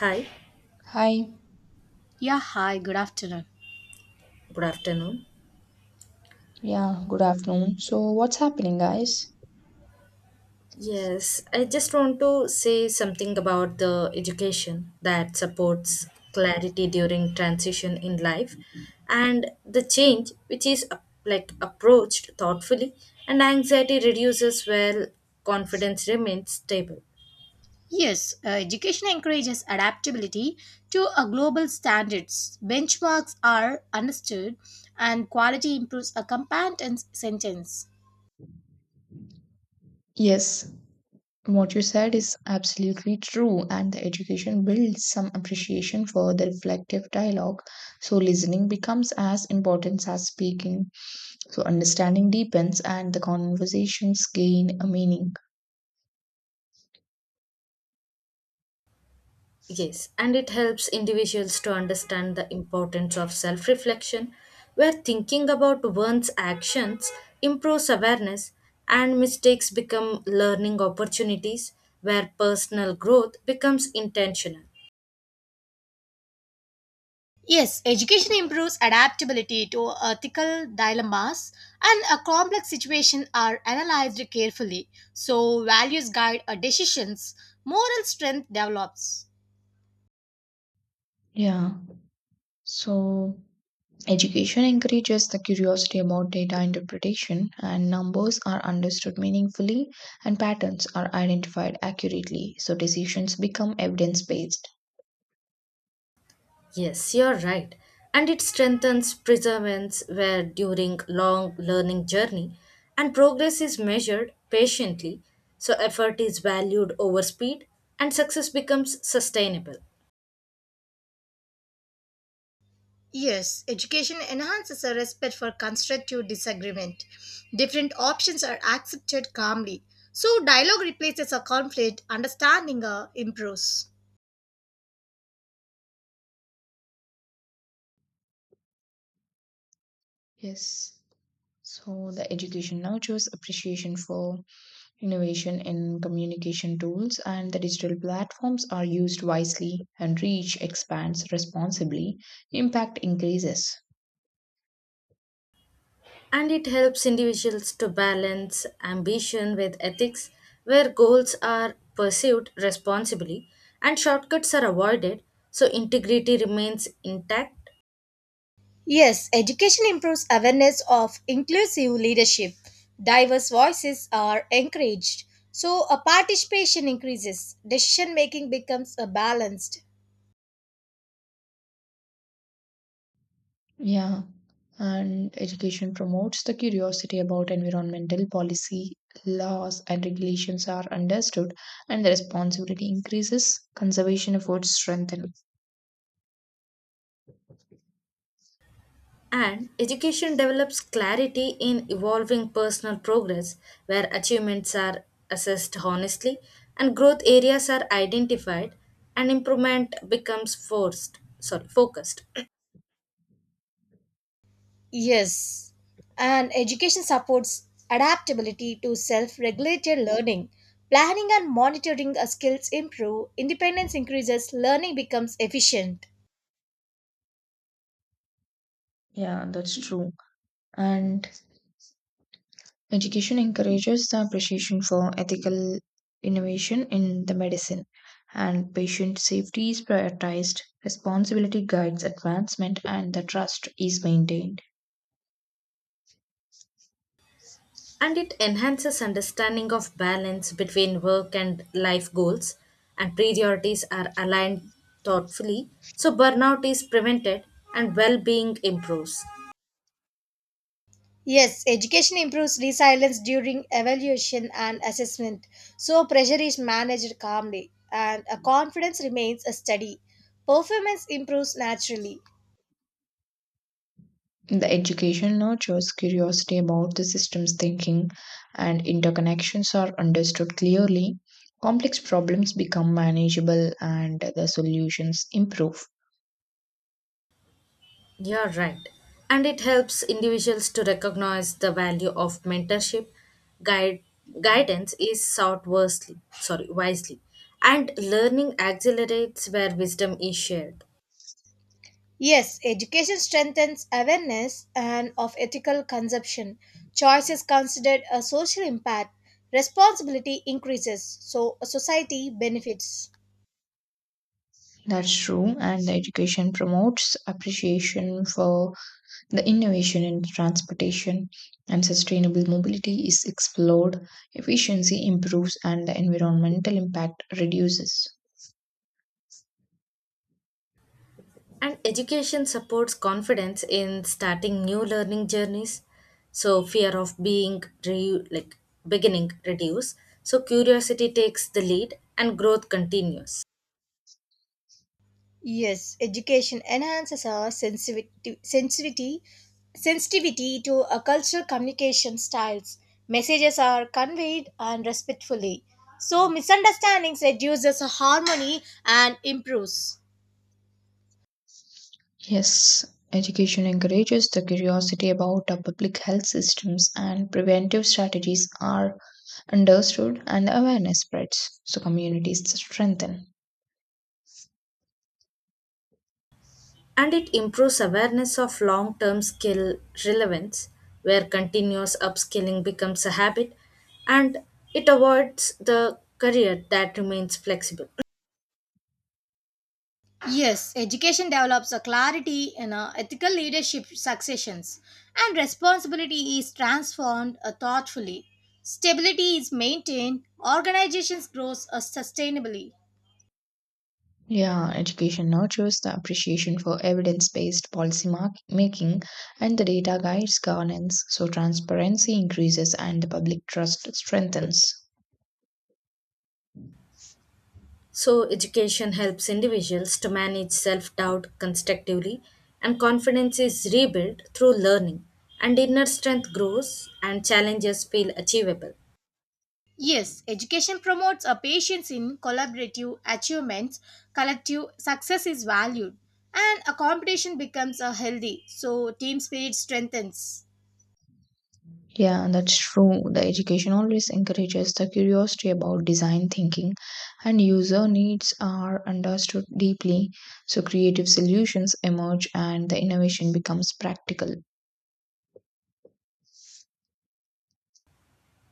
Hi, Hi. Yeah, hi, good afternoon. good afternoon. Yeah, good afternoon. So, what's happening, guys? Yes, I just want to say something about the education that supports clarity during transition in life and the change which is like approached thoughtfully, and anxiety reduces while confidence remains stable. Yes, education encourages adaptability to a global standards. Benchmarks are understood and quality improves a compound sentence. Yes, what you said is absolutely true, and the education builds some appreciation for the reflective dialogue. So, listening becomes as important as speaking. So, understanding deepens, and the conversations gain a meaning. Yes, and it helps individuals to understand the importance of self reflection, where thinking about one's actions improves awareness and mistakes become learning opportunities, where personal growth becomes intentional. Yes, education improves adaptability to ethical dilemmas and a complex situation are analyzed carefully. So values guide our decisions, moral strength develops. Yeah. So, education encourages the curiosity about data interpretation, and numbers are understood meaningfully, and patterns are identified accurately, so decisions become evidence based. Yes, you're right. And it strengthens perseverance where during long learning journey and progress is measured patiently, so effort is valued over speed and success becomes sustainable. Yes, education enhances a respect for constructive disagreement. Different options are accepted calmly. So, dialogue replaces a conflict, understanding improves. Yes, so the education nurtures appreciation for innovation in communication tools, and the digital platforms are used wisely and reach expands responsibly, impact increases. And it helps individuals to balance ambition with ethics, where goals are pursued responsibly and shortcuts are avoided, so integrity remains intact. Yes, education improves awareness of inclusive leadership. Diverse voices are encouraged. So, a participation increases. Decision making becomes balanced. Yeah, and education promotes the curiosity about environmental policy, laws, and regulations are understood, and the responsibility increases, conservation efforts strengthen. And education develops clarity in evolving personal progress, where achievements are assessed honestly and growth areas are identified, and improvement becomes forced sorry focused. Yes, and education supports adaptability to self regulated learning. Planning and monitoring our skills improve, independence increases, learning becomes efficient. Yeah, that's true. And education encourages the appreciation for ethical innovation in the medicine, and patient safety is prioritized. Responsibility guides advancement, and the trust is maintained. And it enhances understanding of balance between work and life goals, and priorities are aligned thoughtfully, so burnout is prevented and well-being improves. Yes, education improves resilience during evaluation and assessment, so pressure is managed calmly and a confidence remains a study. Performance improves naturally. The education nurtures curiosity about the system's thinking, and interconnections are understood clearly. Complex problems become manageable, and the solutions improve. You're right. And it helps individuals to recognize the value of mentorship guide guidance is sought wisely sorry wisely, and learning accelerates where wisdom is shared. Yes, education strengthens awareness and of ethical consumption. Choice is considered a social impact. Responsibility increases, so a society benefits. That's true, and the education promotes appreciation for the innovation in transportation and sustainable mobility is explored, efficiency improves, and the environmental impact reduces. And education supports confidence in starting new learning journeys. So fear of being re- like beginning reduce. So curiosity takes the lead and growth continues. Yes, education enhances our sensitivity to a cultural communication styles. Messages are conveyed and respectfully. So misunderstandings reduces harmony and improves. Yes, education encourages the curiosity about our public health systems, and preventive strategies are understood and awareness spreads, so communities strengthen. And it improves awareness of long-term skill relevance, where continuous upskilling becomes a habit and it avoids the career that remains flexible. Yes, education develops a clarity in ethical leadership successions, and responsibility is transformed thoughtfully. Stability is maintained, organizations grow sustainably. Yeah, education nurtures the appreciation for evidence based policy making, and the data guides governance, so transparency increases and the public trust strengthens. So, education helps individuals to manage self doubt constructively, and confidence is rebuilt through learning, and inner strength grows, and challenges feel achievable. Yes, education promotes a patience in collaborative achievements, collective success is valued, and a competition becomes a healthy, so team spirit strengthens. Yeah, that's true. The education always encourages the curiosity about design thinking, and user needs are understood deeply, so creative solutions emerge and the innovation becomes practical.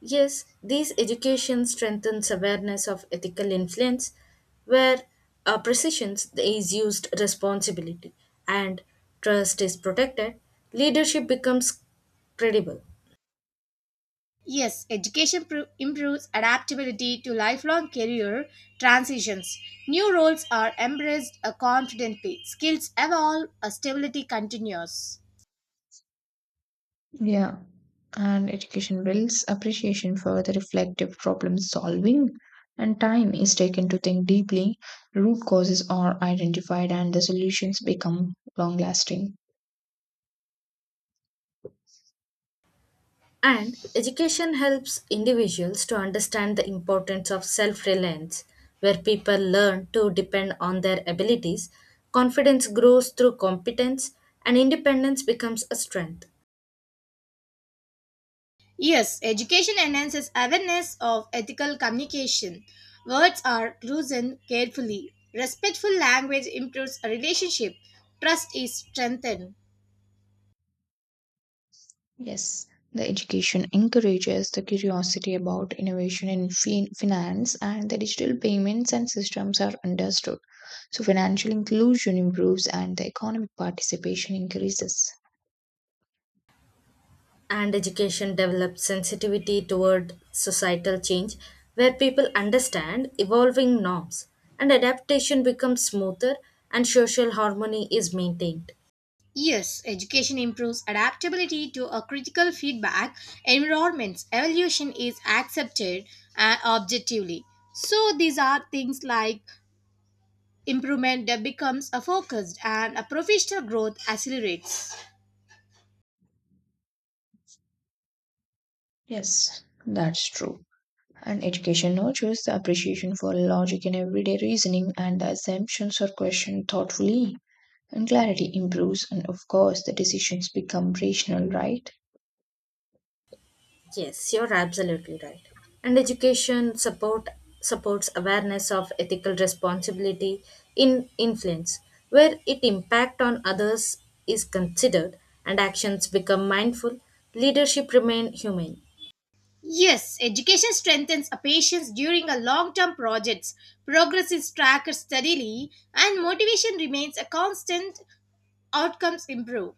Yes, these education strengthens awareness of ethical influence, where precision is used responsibility and trust is protected, leadership becomes credible. Yes, education improves adaptability to lifelong career transitions. New roles are embraced confidently. Skills evolve, stability continues. Yeah, and education builds appreciation for the reflective problem solving, and time is taken to think deeply, root causes are identified and the solutions become long lasting. And education helps individuals to understand the importance of self reliance, where people learn to depend on their abilities. Confidence grows through competence, and independence becomes a strength. Yes, education enhances awareness of ethical communication. Words are chosen carefully. Respectful language improves a relationship. Trust is strengthened. Yes, the education encourages the curiosity about innovation in finance, and the digital payments and systems are understood, so financial inclusion improves and the economic participation increases. And education develops sensitivity toward societal change, where people understand evolving norms, and adaptation becomes smoother, and social harmony is maintained. Yes, education improves adaptability to a critical feedback environments. Evolution is accepted objectively. So these are things like improvement that becomes a focused and a professional growth accelerates. Yes, that's true, and education now shows the appreciation for logic in everyday reasoning, and the assumptions are questioned thoughtfully, and clarity improves, and of course the decisions become rational, right? Yes, you're absolutely right. And education support supports awareness of ethical responsibility in influence, where it impact on others is considered and actions become mindful, leadership remain humane. Yes, education strengthens a patience during a long-term projects. Progress is tracked steadily and motivation remains a constant. Outcomes improve.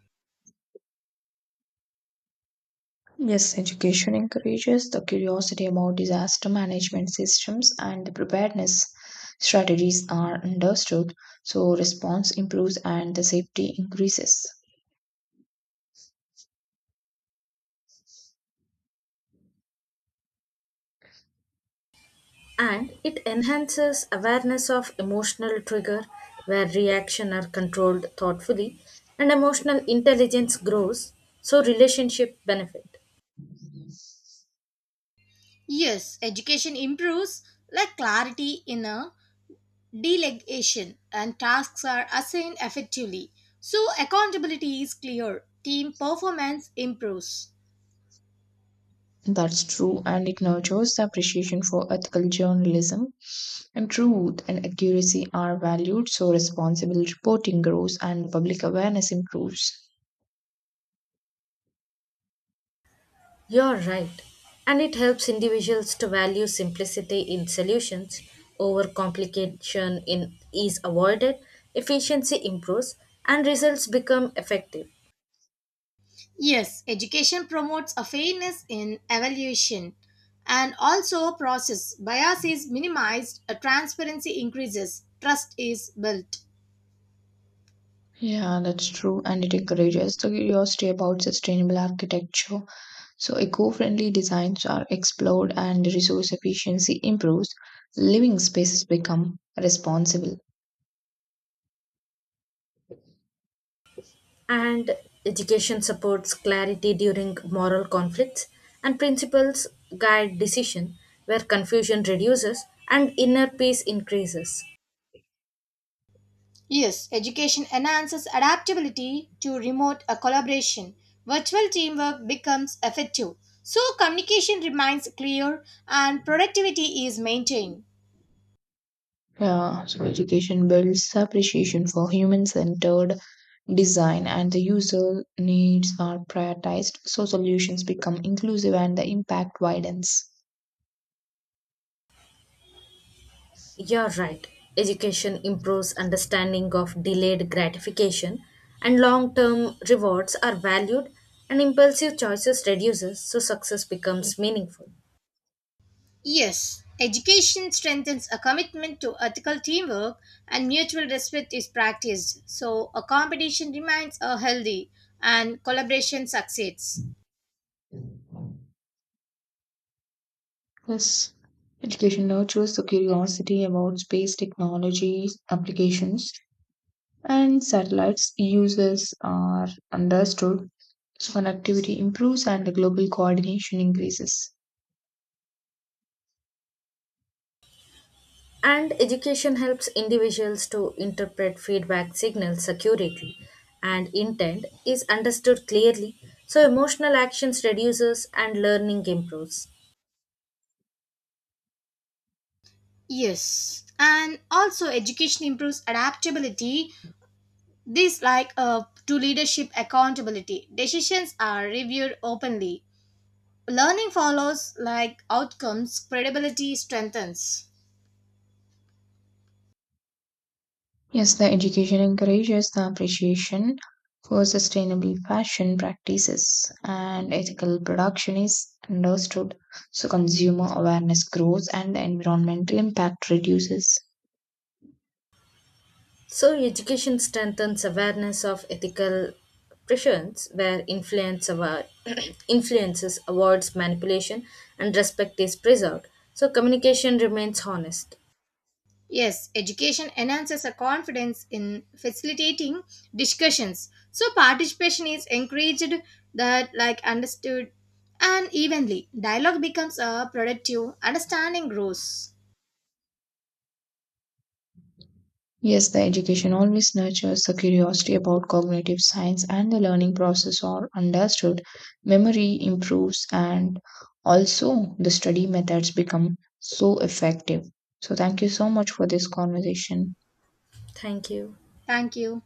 Yes, education encourages the curiosity about disaster management systems, and the preparedness strategies are understood, so response improves and the safety increases. And it enhances awareness of emotional trigger where reaction are controlled thoughtfully and emotional intelligence grows, so relationship benefit. Yes, education improves like clarity in a delegation and tasks are assigned effectively, so accountability is clear. Team performance improves. That's true, and it nurtures the appreciation for ethical journalism, and truth and accuracy are valued, so responsible reporting grows and public awareness improves. You're right. And it helps individuals to value simplicity in solutions, overcomplication in is avoided, efficiency improves, and results become effective. Yes, education promotes a fairness in evaluation and also process. Bias is minimized, a transparency increases, trust is built. Yeah, that's true. And it encourages the curiosity about sustainable architecture. So, eco friendly designs are explored and resource efficiency improves. Living spaces become responsible. And education supports clarity during moral conflicts, and principles guide decision where confusion reduces and inner peace increases. Yes, education enhances adaptability to remote collaboration. Virtual teamwork becomes effective. So, communication remains clear and productivity is maintained. Yeah, so education builds appreciation for human centered design, and the user needs are prioritized. So, solutions become inclusive and the impact widens. You're right. Education improves understanding of delayed gratification, and long-term rewards are valued and impulsive choices reduces, so success becomes meaningful. Yes, education strengthens a commitment to ethical teamwork and mutual respect is practiced, so a competition remains a healthy and collaboration succeeds. Yes, education nurtures the curiosity about space technology applications, and satellites uses are understood. So connectivity improves and the global coordination increases. And education helps individuals to interpret feedback signals accurately and intent is understood clearly, so emotional actions reduces and learning improves. Yes, and also education improves adaptability. This like to leadership accountability. Decisions are reviewed openly. Learning follows like outcomes, credibility strengthens. Yes, the education encourages the appreciation for sustainable fashion practices, and ethical production is understood. So consumer awareness grows and the environmental impact reduces. So, education strengthens awareness of ethical pressures where influence award, influences, awards, manipulation, and respect is preserved. So, communication remains honest. Yes, education enhances a confidence in facilitating discussions. So participation is encouraged that like understood and evenly. Dialogue becomes a productive, understanding grows. Yes, the education always nurtures the curiosity about cognitive science, and the learning process are understood. Memory improves, and also the study methods become so effective. So, thank you so much for this conversation. Thank you. Thank you.